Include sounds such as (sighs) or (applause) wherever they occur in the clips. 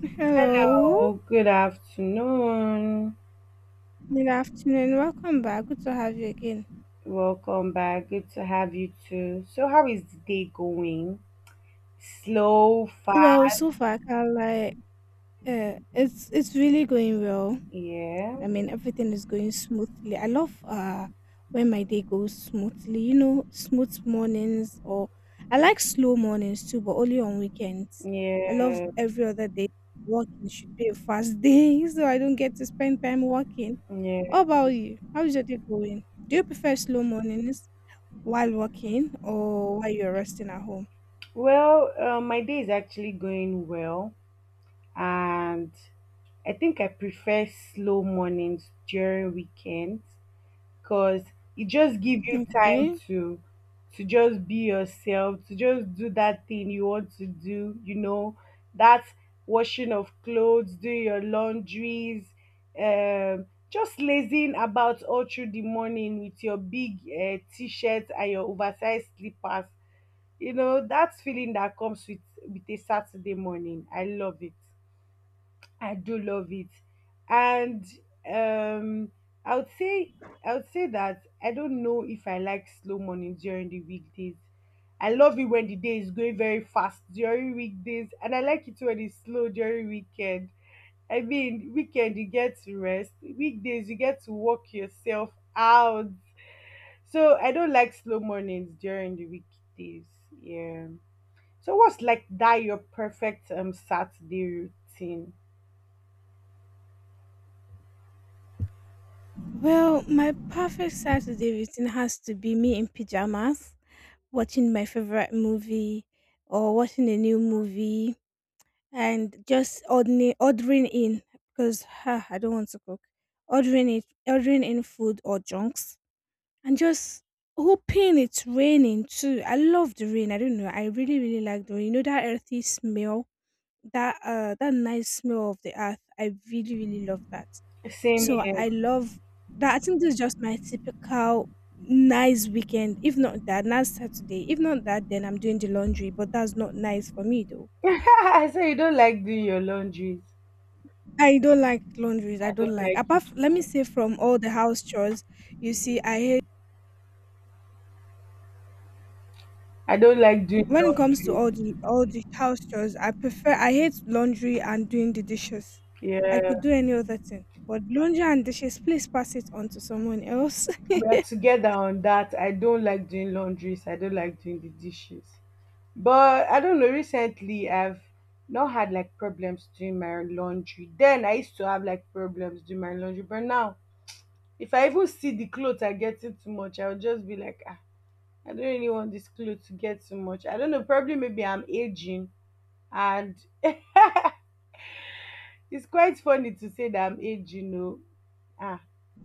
Hello, Hello, good afternoon. good afternoon. Welcome back. Good to have you again. Welcome back. Good to have you too. So, how is the day going? Slow, fast. Well, so far I can't. It's really going well. Yeah, I mean, everything is going smoothly. I love when my day goes smoothly. Smooth mornings or. I like slow mornings too, but only on weekends. I love yeah, every other day. Working should be a fast (laughs) day, so I don't get to spend time working. yeah. What about you? How's your day going? Do you prefer slow mornings? While working or while you're resting at home? Well, my day is actually going well, and I think I prefer slow mornings during weekends because it just gives you time Okay. to just be yourself, to just do that thing you want to do, you know, that washing of clothes, doing your laundries, um just lazing about all through the morning with your big t-shirt and your oversized slippers, you know that feeling that comes with a Saturday morning. I love it. I do love it. And um I would say I would say that I don't know if I like slow mornings during the weekdays. I love it when the day is going very fast during weekdays and I like it when it's slow during weekend. I mean, weekend you get to rest. Weekdays you get to work yourself out. So I don't like slow mornings during the weekdays. Yeah. So what's like that your perfect Saturday routine? Well, my perfect Saturday routine has to be me in pajamas, watching my favorite movie or watching a new movie and just ordering in, because ha, I don't want to cook. Ordering in food or junks, and just hoping it's raining too. I love the rain. I don't know. I really, really like the rain. You know that earthy smell, that nice smell of the earth. I really, really love that. Same So here. I love that. I think this is just my typical nice weekend. If not that, nice Saturday. If not that, then I'm doing the laundry, but that's not nice for me though. (laughs) I say you don't like doing your laundries. I don't like laundries. I I don't don't like, like apart, it. f let me say, from all the house chores. You see, I hate I don't like doing when it comes to laundries. all the house chores. I prefer. I hate laundry and doing the dishes. I Yeah, could do any other thing, but laundry and dishes, please pass it on to someone else. we are together on that. I don't like doing laundries. I don't like doing the dishes. But I don't know. Recently, I've not had like problems doing my laundry. Then I used to have like problems doing my laundry. But now, if I even see the clothes are getting too much, I'll just be like, ah, I don't really want this clothes to get too much. I don't know. Probably maybe I'm aging, and it's quite funny to say that I'm age, you know. Ah,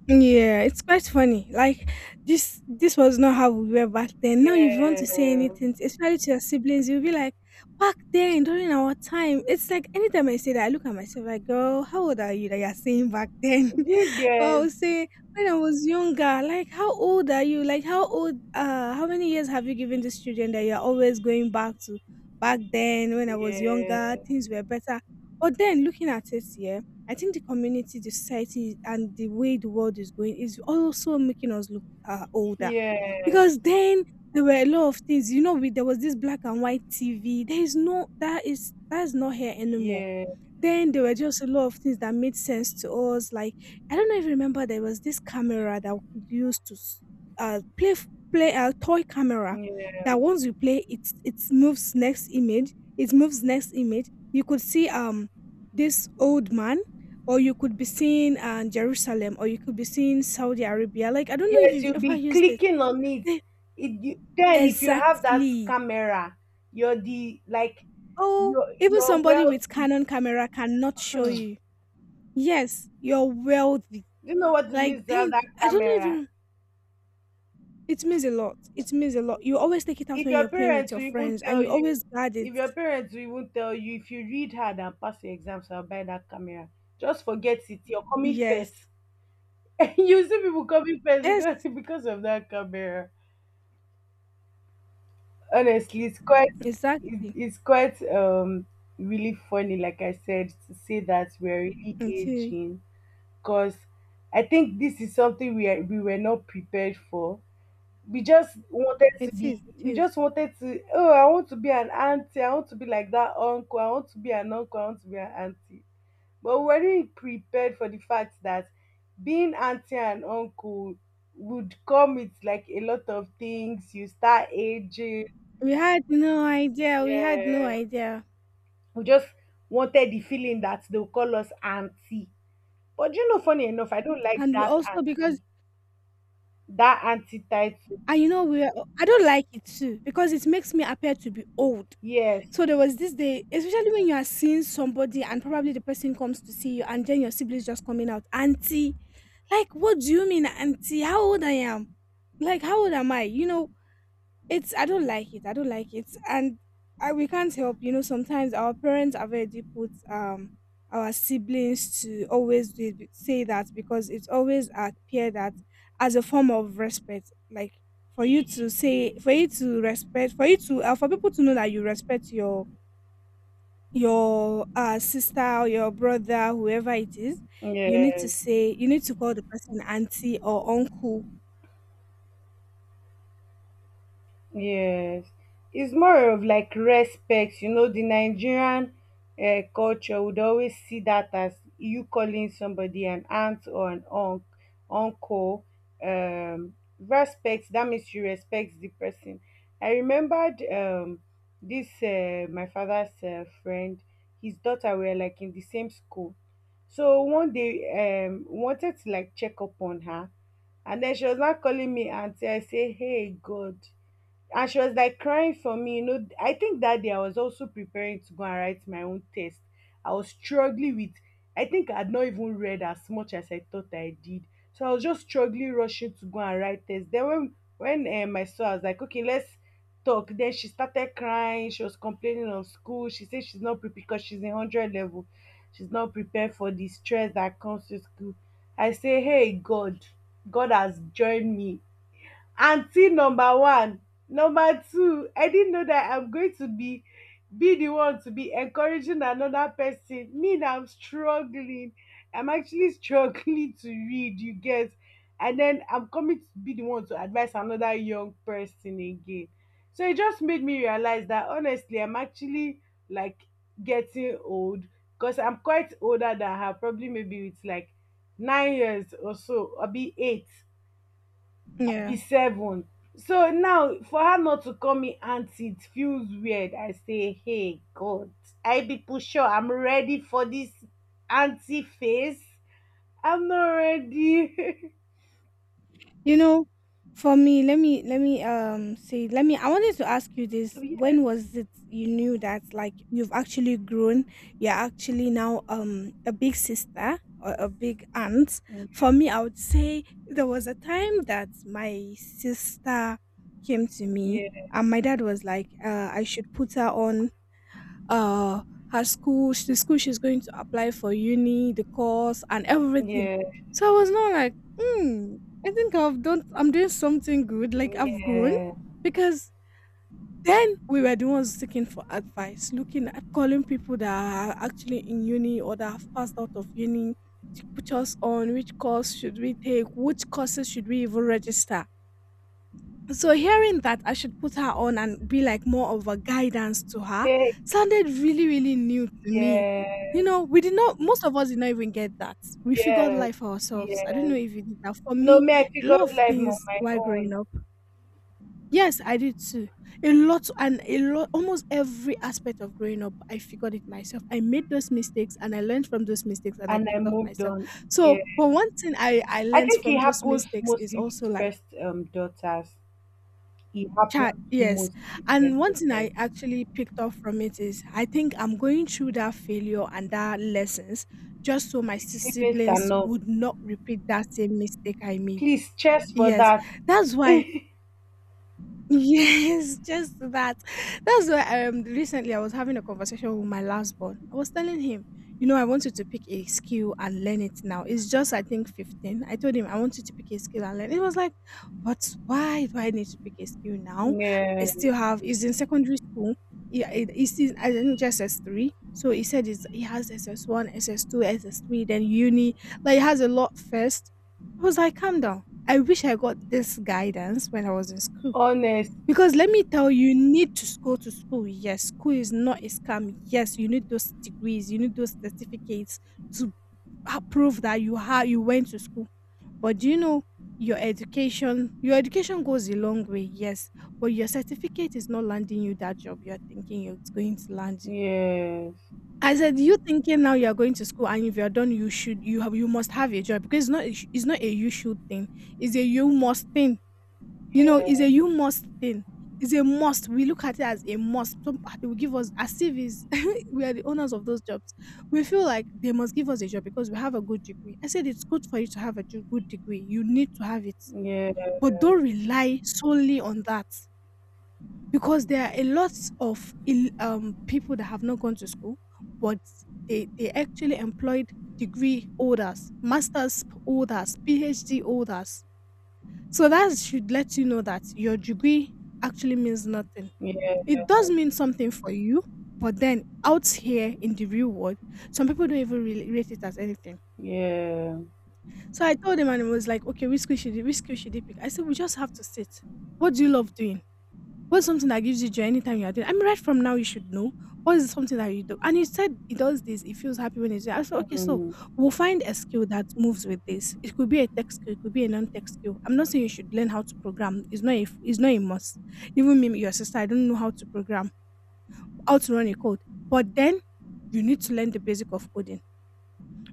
Yeah, it's quite funny. Like this was not how we were back then. Now, if you want to say yeah. anything, especially to your siblings, you'll be like, back then during our time. It's like anytime I say that, I look at myself like, girl, how old are you that you're saying back then? You (laughs) Well, I get? would say when I was younger, like how old are you? Like, how old how many years have you given this student that you're always going back to? Back then when I was younger, Yeah, things were better. But then, looking at it here, I think the community, the society and the way the world is going is also making us look older. yeah, Because then there were a lot of things, you know, we, there was this black and white TV. There is no that is not here anymore. yeah, Then there were just a lot of things that made sense to us. Like, I don't know if you remember, there was this camera that we used to play, a toy camera yeah. that once you play it, it moves next image. It moves next image. You could see this old man, or you could be seeing Jerusalem, or you could be seeing Saudi Arabia. Like, I don't know if Yes, you've you'll ever be used it. clicking on it. Eh, It you, then if you have that exactly. camera, you're the like Oh, you're even you're somebody with wealthy. Canon camera cannot Hmm. show Do you. Yes, you're wealthy. you know what it means Like to have 10, that I don't know camera? even. It means a lot. It means a lot. You always take it out If when your you're playing with parents your will even friends, and tell you you, always guard it. If your parents will even tell you, if you read hard and pass your exams, I'll buy that camera. Just forget it. You're coming first. Yes. (laughs) You see people coming first Yes, because, (laughs) because of that camera. Honestly, it's quite exactly. it's quite really funny, like I said, to say that we're really It is. aging because I think this is something we were not prepared for. We just wanted to It be, is. It we is. just wanted to, oh, I want to be an auntie, I want to be like that uncle, I want to be an uncle, I want to be an auntie. But were you prepared for the fact that being auntie and uncle would come with like a lot of things? You start aging. We had no idea. We had no Yeah. idea. We just wanted the feeling that they'll call us auntie. But you know, funny enough, I don't like And we that also because, auntie. That auntie title. and you know, we are, I don't like it too, because it makes me appear to be old. Yes. So, there was this day, especially when you are seeing somebody and probably the person comes to see you and then your siblings just coming out, auntie. Like, what do you mean, auntie? How old I am? Like, how old am I? You know, it's, I don't like it. I don't like it, and I, we can't help. You know, sometimes our parents have already put our siblings to always do it, say that, because it's always appear that as a form of respect, like, for you to say, for you to respect, for you to for people to know that you respect your your sister or your brother, whoever it is, Yes. You need to call the person auntie or uncle, Yes, it's more of like respect. You know, the Nigerian culture would always see that as you calling somebody an aunt or an uncle. Respect. That means you respect the person. I remembered this my father's friend. His daughter were like in the same school. So one day, wanted to like check up on her, and then she was not calling me auntie. I say, "Hey, God." And she was like crying for me, you know. I think that day I was also preparing to go and write my own test. I was struggling with, I think, I had not even read as much as I thought I did. So I was just struggling, rushing to go and write test. Then when I saw, I was like, okay, let's talk. Then she started crying, she was complaining of school, she said she's not prepared because she's in 100 level. She's not prepared for the stress that comes to school. I say, hey, God, God has joined me, aunty number one. Number two, I didn't know that I'm going to be the one to be encouraging another person. Me na, I'm struggling. I'm actually (laughs) struggling to read, you get? And then I'm coming to be the one to advise another young person again. So it just made me realize that honestly, I'm actually like getting old because I'm quite older than her. Probably maybe it's like 9 years or so, or be eight, be yeah. seven. So now for her not to call me auntie, it feels weird. I say, hey, God, I be pusher. I'm ready for this auntie face. I'm not ready. You know, for me, let me let me say let me I wanted to ask you (laughs) this. When Yes. was it you knew that like you've actually grown, you're actually now a big sister or a big aunt? For me, I would say there was a time that my sister came to me, Yeah, and my dad was like, I should put her on, uh, her school, the school she's going to apply for uni, the course, and everything. yeah, So I was not like, hmm, I think I'm doing something good. Like I've grown, yeah. because then we were the ones seeking for advice, looking at calling people that are actually in uni or that have passed out of uni to put us on which course should we take, which courses should we even register. So hearing that I should put her on and be like more of a guidance to her Hey. sounded really, really new to me. Yes, You know, we did not most of us did not even get that. We figured yes, life for ourselves. I don't know yes. if you did that. For No, me, me, I a lot figured of life on things my while own growing up. Yes, I did too. A lot and a lot, almost every aspect of growing up, I figured it myself. I made those mistakes, and I learned from those mistakes, and I and I picked up moved myself. on. Yeah, So, but one thing I I learned think it from those happens mistakes is mostly also with like. first daughters. It Cha, happens to yes. most And one expected. thing I actually picked up from it is, I think I'm going through that failure and that lessons just so my Siblings siblings cannot. would not repeat that same mistake I made. Please, cheers for Yes. that. That's why. (laughs) Yes, just that. That's why recently I was having a conversation with my last born. I was telling him, I want you to pick a skill and learn it now. It's just, I think, 15. I told him, I want you to pick a skill and learn. He was like, but why do I need to pick a skill now? I (laughs) Yeah, still have He's in secondary school. Yeah, he's in, I think, just SS3. So he said he has SS1, SS2, SS3, then uni. Like, he has a lot first. I was like, calm down. I wish I got this guidance when I was in school, honest. because let me tell you, you need to go to school, yes. School is not a scam, yes. You need those degrees, you need those certificates to ha prove that you went to school. But do you know, your education goes a long way, yes, but your certificate is not landing you that job you're thinking it's going to land you. Yes. I said, you thinking now you're going to school, and if you're done, you must have a job, because it's not a you should thing. It's a you must thing. You know, it's Yeah. a you must thing. It's a must. We look at it as a must. Some ah, they will give us as if it's (laughs) we are the owners of those jobs. We feel like they must give us a job because we have a good degree. I said, it's good for you to have a good degree. You need to have it, Yeah. but don't rely solely on that, because there are a lot of people that have not gone to school, but they actually employed degree holders, masters holders, PhD holders, so that should let you know that your degree actually means nothing. Yeah. It does mean something for you, but then out here in the real world, some people don't even really rate it as anything. Yeah. So I told him, and he was like, okay, which school should he pick? I said, we just have to sit. What do you love doing? What's something that gives you joy anytime you are doing? I mean, right from now you should know what is something that you do. And he said he does this. He feels happy when he's there. I said, okay, so Mm. we'll find a skill that moves with this. It could be a tech skill. It could be a non-tech skill. I'm not saying you should learn how to program. It's not a must. Even me, your sister, I don't know how to program, how to run a code. But then you need to learn the basic of coding,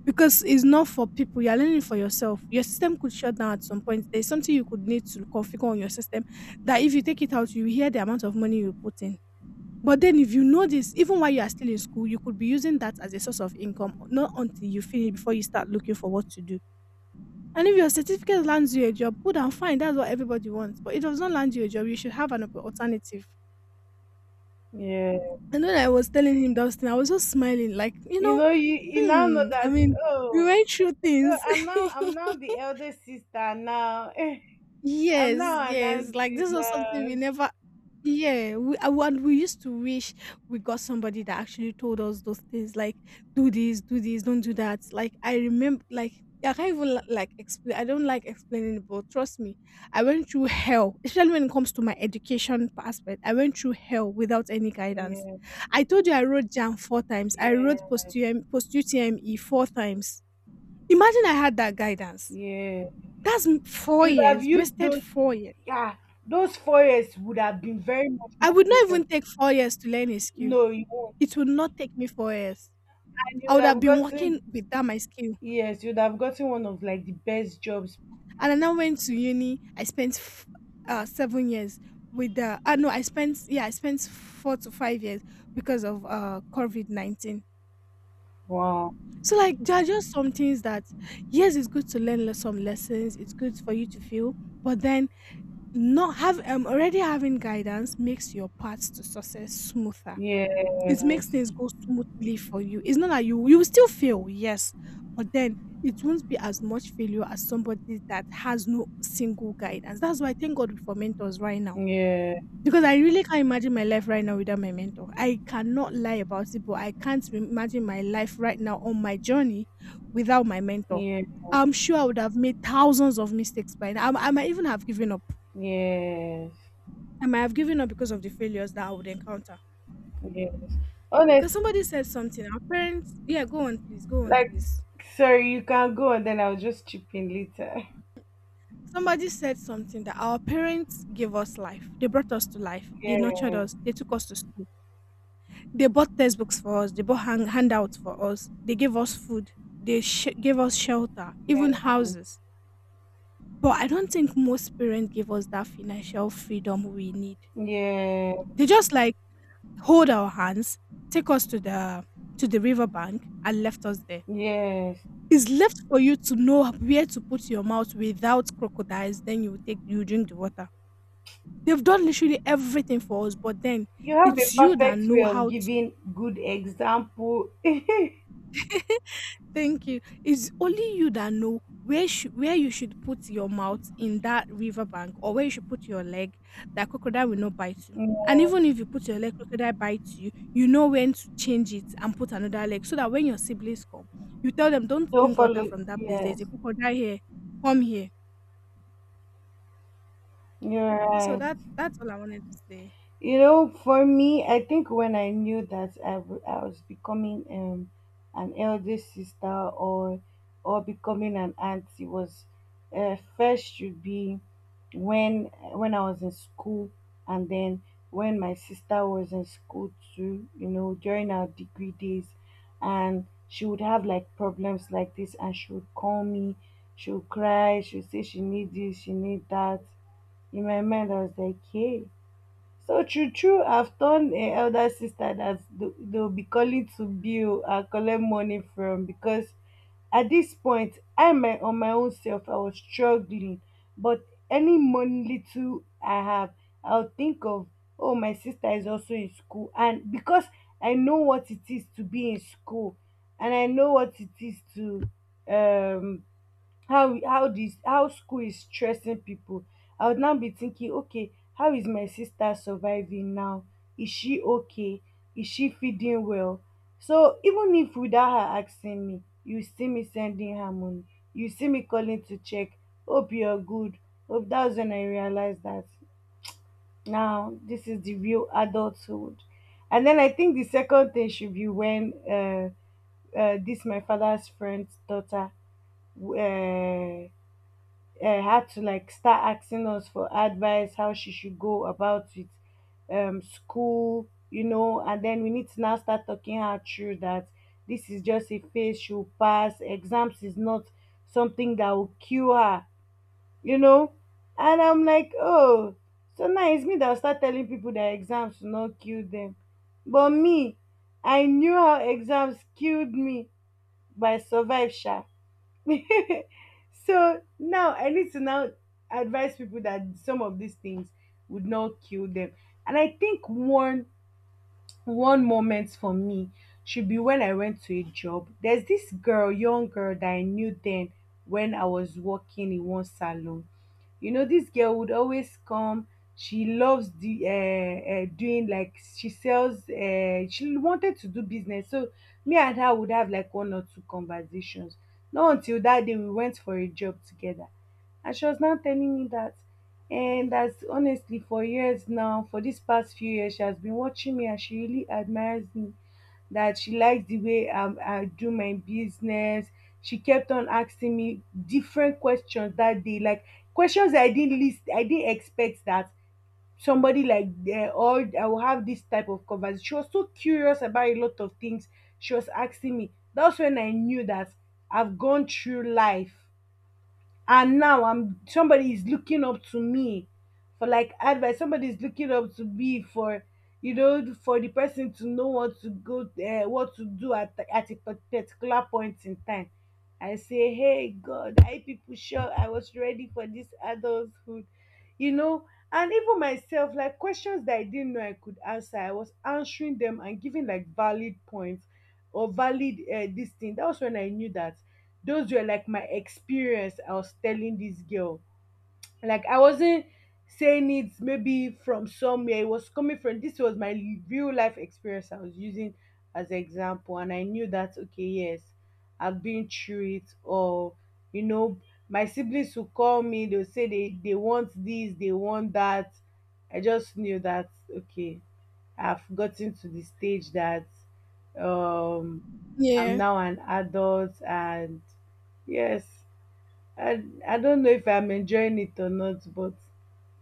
because it's not for people. You're learning for yourself. Your system could shut down at some point. There's something you could need to configure on your system that if you take it out, you hear the amount of money you put in. But then if you know this, even while you are still in school, you could be using that as a source of income, not until you finish before you start looking for what to do. And if your certificate lands you a job, good and fine, that's what everybody wants. But it does not land you a job, you should have an alternative. Yeah. And when I was telling him those things, I was just smiling, like, You know, you now know hmm, I that. mean, we Oh, went through so things. I'm (laughs) now the eldest sister now. (laughs) I'm Yes, now an yes, like auntie this was something now. we never. Yeah, and we used to wish we got somebody that actually told us those things like do this, don't do that. Like I remember, like I can't even like explain. I don't like explaining it, but trust me, I went through hell, especially when it comes to my education aspect. I went through hell without any guidance. Yeah. I told you I wrote JAM four times. I Yeah. wrote post UM, post UTME four times. Imagine I had that guidance. Yeah. Four You'd have years, used wasted those. 4 years. Yeah. Those forests would have been very much I more would not productive. even take 4 years to learn a skill. No, you won't. It would not take me 4 years. And you I would would have have been working gotten, with that my skill. yes, you would have gotten one of like the best jobs. And I now went to uni. I spent 7 years with the no, I spent yeah, I spent 4 to 5 years because of COVID-19. Wow. So like there are just some things that, yes, it's good to learn some lessons. It's good for you to feel, but then not have already having guidance makes your path to success smoother. Yes. It makes things go smoothly for you. It's not that you will still fail, yes, but then it won't be as much failure as somebody that has no single guidance. That's why I thank God for mentors right now. Yeah. Because I really can't imagine my life right now without my mentor. I cannot lie about it, but I can't imagine my life right now on my journey without my mentor. Yeah. I'm sure I would have made thousands of mistakes by now. I might even have given up. Yes. I might have given up because of the failures that I would encounter. Yes. Honest. Because somebody said something. Our parents, yeah, go on, please, go on, Like, please. sorry, you can go and then I'll just chip in later. Somebody said something that our parents gave us life. They brought us to life. (laughs) They nurtured Yeah. us. They took us to school. They bought textbooks for us. They bought handouts for us. They gave us food. They gave us shelter, even houses. But I don't think most parents give us that financial freedom we need. Yeah. They just like hold our hands, take us to the riverbank, and left us there. Yes. It's left for you to know where to put your mouth without crocodiles, then you drink the water. They've done literally everything for us, but then You have a it's you that perfect way know of how to. giving good example. (laughs) Yeah. Thank you. It's only you that know where you should put your mouth in that river bank, or where you should put your leg that crocodile will not bite you. And even if you put your leg, crocodile bites you, you know when to change it and put another leg so that when your siblings come, you tell them, don't Don't drink water follow, from that place. There's yes. a crocodile here. Come here. You're So right. that's all I wanted to say. You know, for me, I think when I knew that I, I was becoming an elder sister or becoming an auntie was first, should be when I was in school, and then when my sister was in school too. You know, during our degree days, and she would have like problems like this, and she would call me. She would cry. She would say she need this, she need that. In my mind, I was like, hey. So true, true, I've done an elder sister that they'll be calling to bill and collect money from because at this point, I my on my own self, I was struggling. But any money little I have, I'll think of, oh, my sister is also in school, and because I know what it is to be in school, and I know what it is to um how this, how school is stressing people. I would now be thinking, okay, how is my sister surviving now? Is she okay? Is she feeding well? So even if without her asking me, you see me sending her money, you see me calling to check, hope you're good, hope. That's when I realized that now this is the real adulthood. And then I think the second thing should be when this my father's friend's daughter uh, had to like start asking us for advice how she should go about it, school, you know. And then we need to now start talking her through that this is just a phase, she'll pass exams, is not something that will kill her, you know. And I'm like, oh, so now it's me that will start telling people that exams will not kill them. But me, I knew how exams killed me, but I survived sha. (laughs) So now I need to now advise people that some of these things would not kill them. And I think one, one moment for me should be when I went to a job. There's this girl, young girl that I knew then when I was working in one salon. You know, this girl would always come. She loves the doing like she sells. She wanted to do business, so me and her would have like one or two conversations. Not until that day we went for a job together, and she was now telling me that, and that's honestly for years now, for these past few years she has been watching me and she really admires me, that she likes the way I do my business. She kept on asking me different questions that day, like questions I didn't list, I didn't expect that somebody like or I will have this type of conversation. She was so curious about a lot of things she was asking me. That's when I knew that I've gone through life and now I'm, somebody is looking up to me for like advice, somebody is looking up to me for, you know, for the person to know what to go, what to do at a particular point in time. I say, hey, God, I people sure I was ready for this adulthood, you know. And even myself, like, questions that I didn't know I could answer, I was answering them and giving like valid points or valid this thing. That was when I knew that those were like my experience I was telling this girl. Like I wasn't saying it maybe from somewhere, it was coming from this was my real life experience I was using as example, and I knew that okay, yes, I've been through it, or you know, my siblings will call me, they'll say they want this, they want that. I just knew that okay, I've gotten to the stage that I'm Yeah, now an adult and yes, I don't know if I'm enjoying it or not, but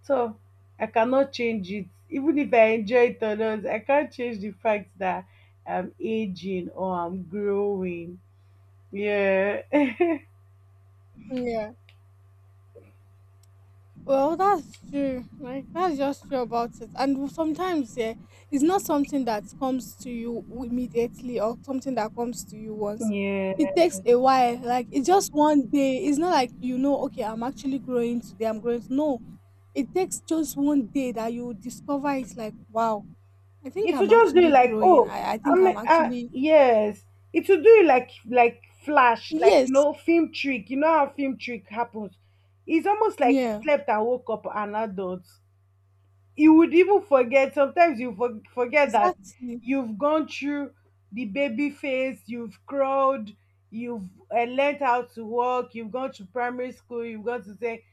so I cannot change it. Even if I enjoy it or not, I can't change the fact that I'm aging or I'm growing. Yeah, (laughs) yeah. Well, that's true. Like, that's just true about it. And sometimes, yeah, it's not something that comes to you immediately or something that comes to you once. yeah. It takes a while. Like, it's just one day. It's not like you know, okay, I'm actually growing today. I'm growing. No, it takes just one day that you discover, it's like, wow, I think It will I'm just do it actually like growing. oh, I think I'm I'm actually yes. It will do it like flash, yes, film trick. You know how film trick happens. It's almost like you yeah, slept and woke up an adult. You would even forget sometimes forget that exactly. you've gone through the baby phase, you've crawled, you've learned how to walk, you've gone to primary school, you've gone to say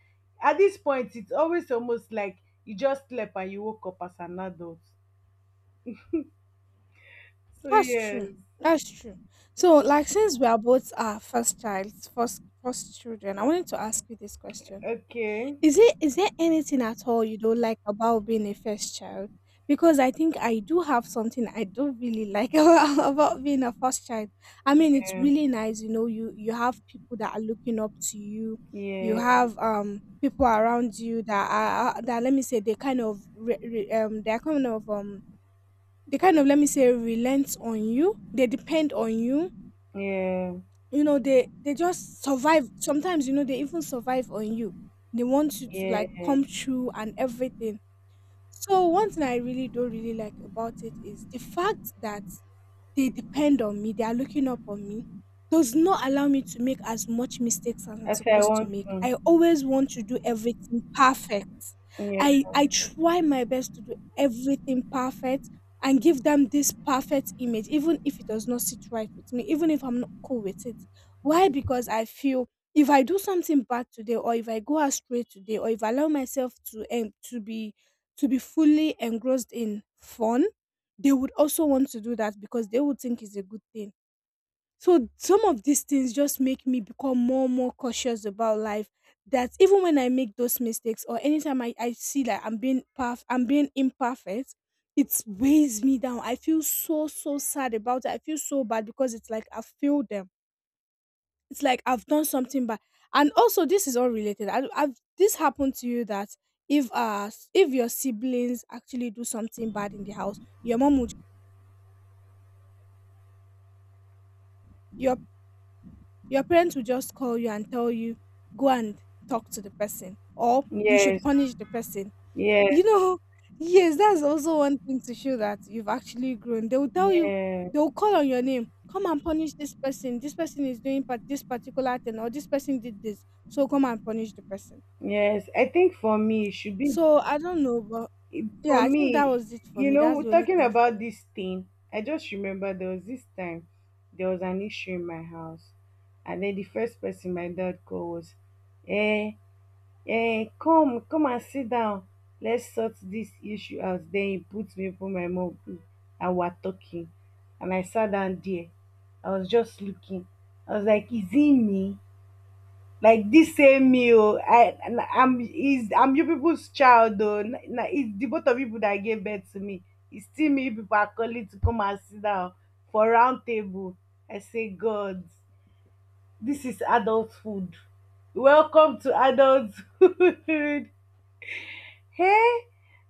at this point it's always almost like you just slept and you woke up as an adult, so That's yes. true. That's true. So, like, since we are both our first child, first children, I wanted to ask you this question: Okay. is it, is there anything at all you don't like about being a first child? Because I think I do have something I don't really like (laughs) about being a first child. I mean, it's Yeah, really nice, you know. You have people that are looking up to you. You yeah, have people around you that are, that let me say they kind of re, re, they're kind of they kind of, let me say, relent on you. They depend on you. yeah, You know, they just survive. Sometimes, you know, they even survive on you. They want you to like yeah. come through and everything. So one thing I really don't really like about it is the fact that they depend on me, they are looking up on me, does not allow me to make as much mistakes as I'm As I supposed to want make. to. I always want to do everything perfect. Yeah. I try my best to do everything perfect and give them this perfect image, even if it does not sit right with me, even if I'm not cool with it. Why? Because I feel if I do something bad today, or if I go astray today, or if I allow myself to be fully engrossed in fun, they would also want to do that because they would think it's a good thing. So some of these things just make me become more and more cautious about life. That even when I make those mistakes, or anytime I see that I'm being I'm being imperfect, it weighs me down. I feel so so sad about it. I feel so bad because it's like I failed them. It's like I've done something bad. And also this is all related. I, I've This happened to you that if your siblings actually do something bad in the house, your your parents will just call you and tell you, go and talk to the person, or you should Yes, punish the person. yes. You know, yes, that's also one thing to show that you've actually grown. They will tell you, Yeah. they will call on your name, come and punish this person. This person is doing this particular thing, or this person did this, so come and punish the person. Yes, I think for me it should be. So I don't know, but For yeah, I think that me, was it for you me. That's know, the only talking thing for about me. this thing, I just remember there was this time there was an issue in my house, and then the first person my dad called was, eh, come, and sit down. Let's sort this issue out. Then he put me open my mouth and we're talking. And I sat down there. I was just looking. I was like, is it me? Like this same meal, I and I'm is I'm you people's child though. Now it's the both of people that gave birth to me. It's still me you people are calling to come and sit down for round table. I say, God, this is adult food. Welcome to adulthood. (laughs) Hey,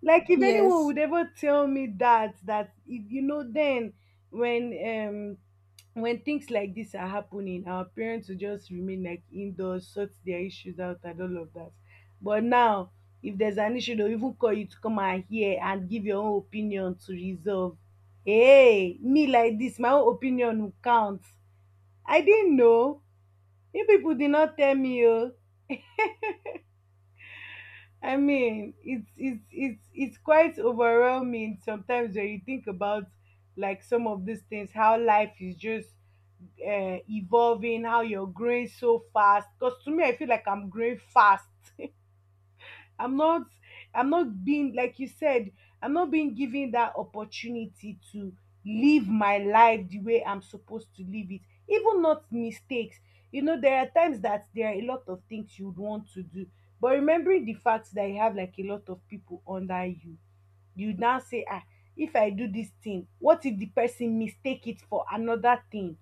like if anyone Yes. would ever tell me that if you know then when um, when things like this are happening, our parents will just remain like indoors, sort their issues out, and all of that. But now, if there's an issue, they'll even call you to come and hear and give your own opinion to resolve. Hey, me like this, my own opinion will count. I didn't know. You people did not tell me. Oh. I mean, it's quite overwhelming sometimes when you think about like some of these things, how life is just evolving, how you're growing so fast. Because to me, I feel like I'm growing fast. (laughs) I'm not, I'm not being like you said. I'm not being given that opportunity to live my life the way I'm supposed to live it. Even not mistakes. You know, there are times that there are a lot of things you'd want to do, but remembering the fact that you have like a lot of people under you, you now say, ah, if I do this thing, what if the person mistake it for another thing?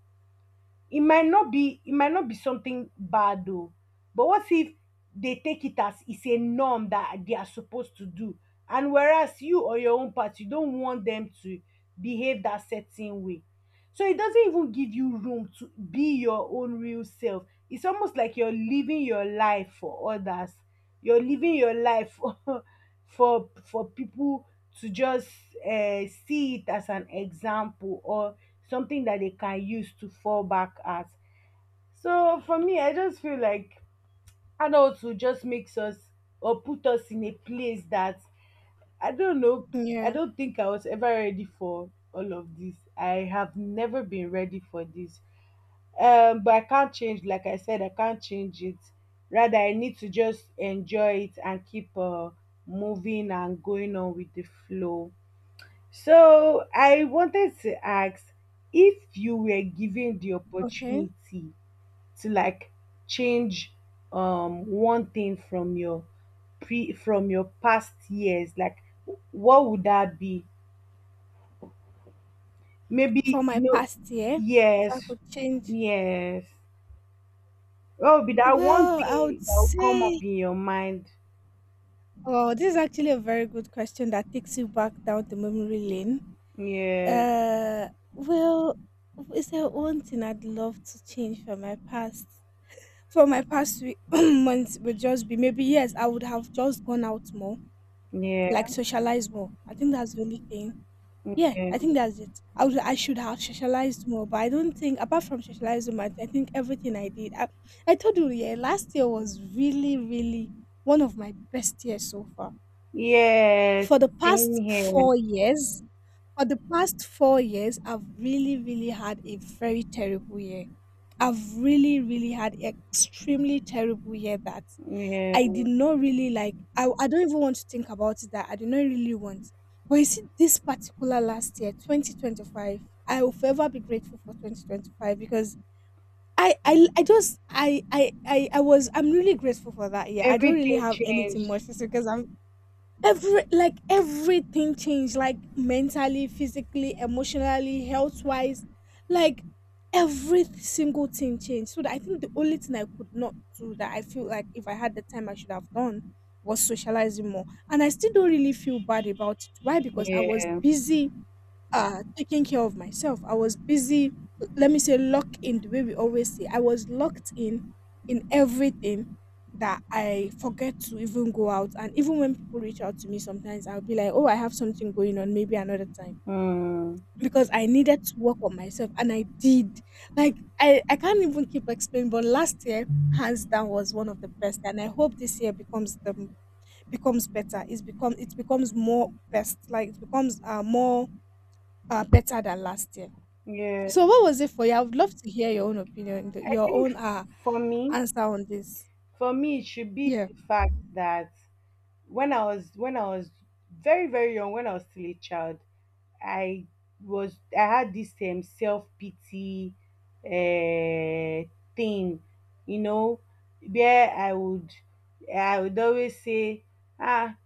It might not be, something bad though, but what if they take it as it's a norm that they are supposed to do, and whereas you or your own part, you don't want them to behave that certain way, so it doesn't even give you room to be your own real self. It's almost like you're living your life for others, you're living your life (laughs) for for people to just see it as an example or something that they can use to fall back at. So for me, I just feel like adulthood just makes us or put us in a place that I don't know. I Yeah. don't think I was ever ready for all of this. I have never been ready for this. But I can't change. Like I said, I can't change it. Rather, I need to just enjoy it and keep moving and going on with the flow. So I wanted to ask if you were given the Okay. opportunity to like change one thing from your pre from your past years, like what would that be? Maybe For you my know, past year, if I yes, could change, yes. What would be that one well, I would thing that will come up say, in your mind? oh, this is actually a very good question that takes you back down the memory lane. Yeah, Uh, well, is there one thing I'd love to change from my past? For my past week, (clears throat) months would just be maybe, yes, I would have just gone out more, yeah, like socialize more. I think that's the only thing. Yeah, yeah. I think that's it. I would, I should have socialized more, but I don't think apart from socializing more, I think everything I did. I told you, yeah, last year was really, really one of my best years so far. Yes, For the same past here. 4 years, for the past 4 years, I've really, really had a very terrible year. I've really, really had extremely terrible year that Yeah. I did not really like. I don't even want to think about it that I did not really want. But you see, this particular last year, 2025, I will forever be grateful for 2025 because I just, I was, I'm really grateful for that year. I don't really Everything have anything changed. much to say because I've every like everything changed, like mentally, physically, emotionally, health wise, like every single thing changed. So that I think the only thing I could not do that I feel like if I had the time I should have done was socializing more. And I still don't really feel bad about it. Why? Because I was Yeah. busy taking care of myself. I was busy, let me say, locked in, the way we always say. I was locked in everything that I forget to even go out. And even when people reach out to me sometimes I'll be like, oh, I have something going on, maybe another time. Mm. Because I needed to work on myself and I did. Like I can't even keep explaining, but last year hands down was one of the best, and I hope this year becomes the becomes better. It's become it becomes more best, like it becomes more better than last year. Yeah. So what was it for you? I would love to hear your own opinion, I your think own for me, answer on this. It should be Yeah. the fact that when I was very very young, when I was still a child, I was, I had this self pity uh, thing, you know, where I would always say, ah,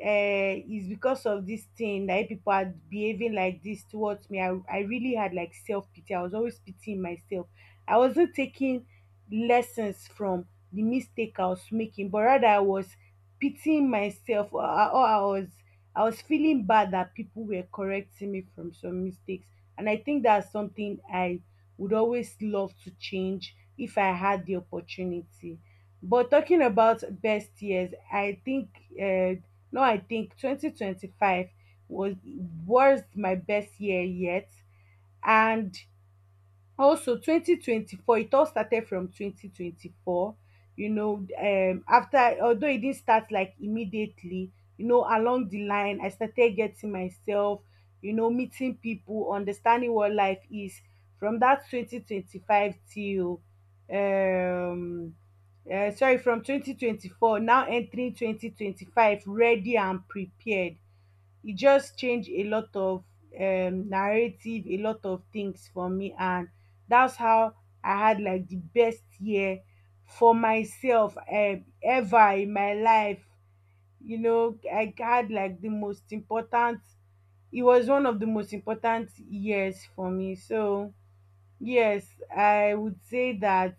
it's because of this thing that people are behaving like this towards me. I really had like self pity. I was always pitying myself. I wasn't taking lessons from the mistake I was making, but rather I was pitying myself, or, I was, feeling bad that people were correcting me from some mistakes. And I think that's something I would always love to change if I had the opportunity. But talking about best years, I think uh, no, I think 2025 was was my best year yet, and also 2024, it all started from 2024, you know, after although it didn't start like immediately, you know, along the line, I started getting myself, you know, meeting people, understanding what life is. From that 2025 till, um, sorry, from 2024, now entering 2025, ready and prepared, it just changed a lot of narrative, a lot of things for me, and that's how I had like the best year for myself ever in my life. You know, I had like the most important. It was one of the most important years for me. So yes, I would say that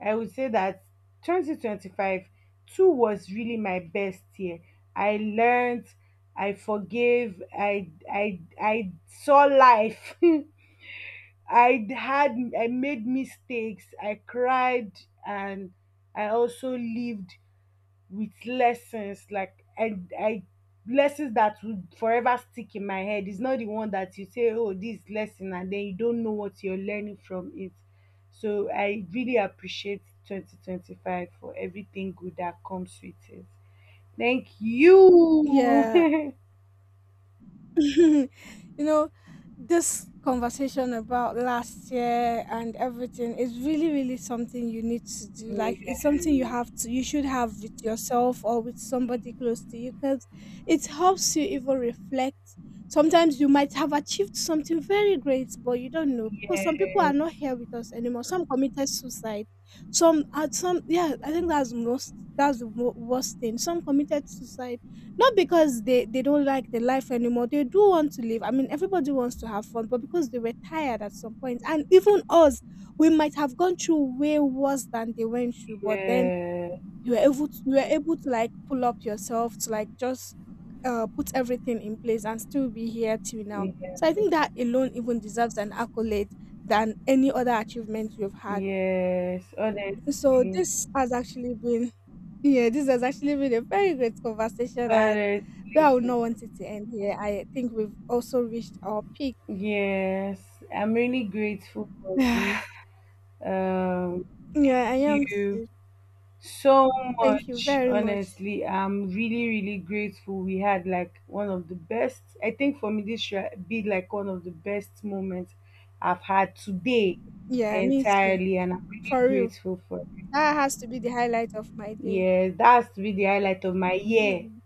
I would say that 2025 two was really my best year. I learned, I forgave, I saw life. (laughs) I made mistakes, I cried, and I also lived with lessons, like I lessons that would forever stick in my head. It's not the one that you say, oh, this lesson, and then you don't know what you're learning from it. So I really appreciate 2025 for everything good that comes with it. Thank you. (laughs) Yeah. Yeah. (laughs) You know, this conversation about last year and everything is really, really something you need to do. Like, it's something you have to, you should have with yourself or with somebody close to you, because it helps you even reflect. Sometimes you might have achieved something very great, but you don't know, because some people are Yes. not here with us anymore. Some committed suicide. Some, yeah, I think that's most, that's the worst thing. Some committed suicide not because they don't like the life anymore. They do want to live. I mean, everybody wants to have fun, but because they were tired at some point, and even us, we might have gone through way worse than they went through. But then Yeah. You were able to like pull up yourself to like just put everything in place and still be here till now. Yes. So I think that alone even deserves an accolade than any other achievement you've had. Yes. So Honestly. this has actually been, yeah, this has actually been a very great conversation, and Honestly. though I would not want it to end here, I think we've also reached our peak. Yes, I'm really grateful for (sighs) Yeah, this. Um, I Thank am you too. so Thank you much. very much. Honestly, I'm really, really grateful. We had like one of the best, I think for me, this should be like one of the best moments I've had today Yeah, me too. entirely, and I'm really For real, grateful for that has to be the highlight of my day. yes, that's to be the highlight of my year. Mm.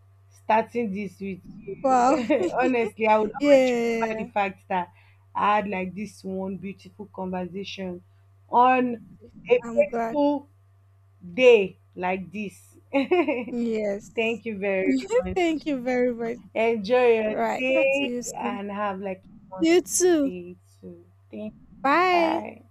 Starting this with you. Wow. (laughs) (laughs) Honestly, I would always remember the Yeah, fact that I had like this one beautiful conversation on a I'm glad. fateful day like this. (laughs) Yes. Thank you very (laughs) much. Thank you very much. Enjoy your Right. Talk to day you soon. and have like a You wonderful too. day too. Thank you. Bye. Bye.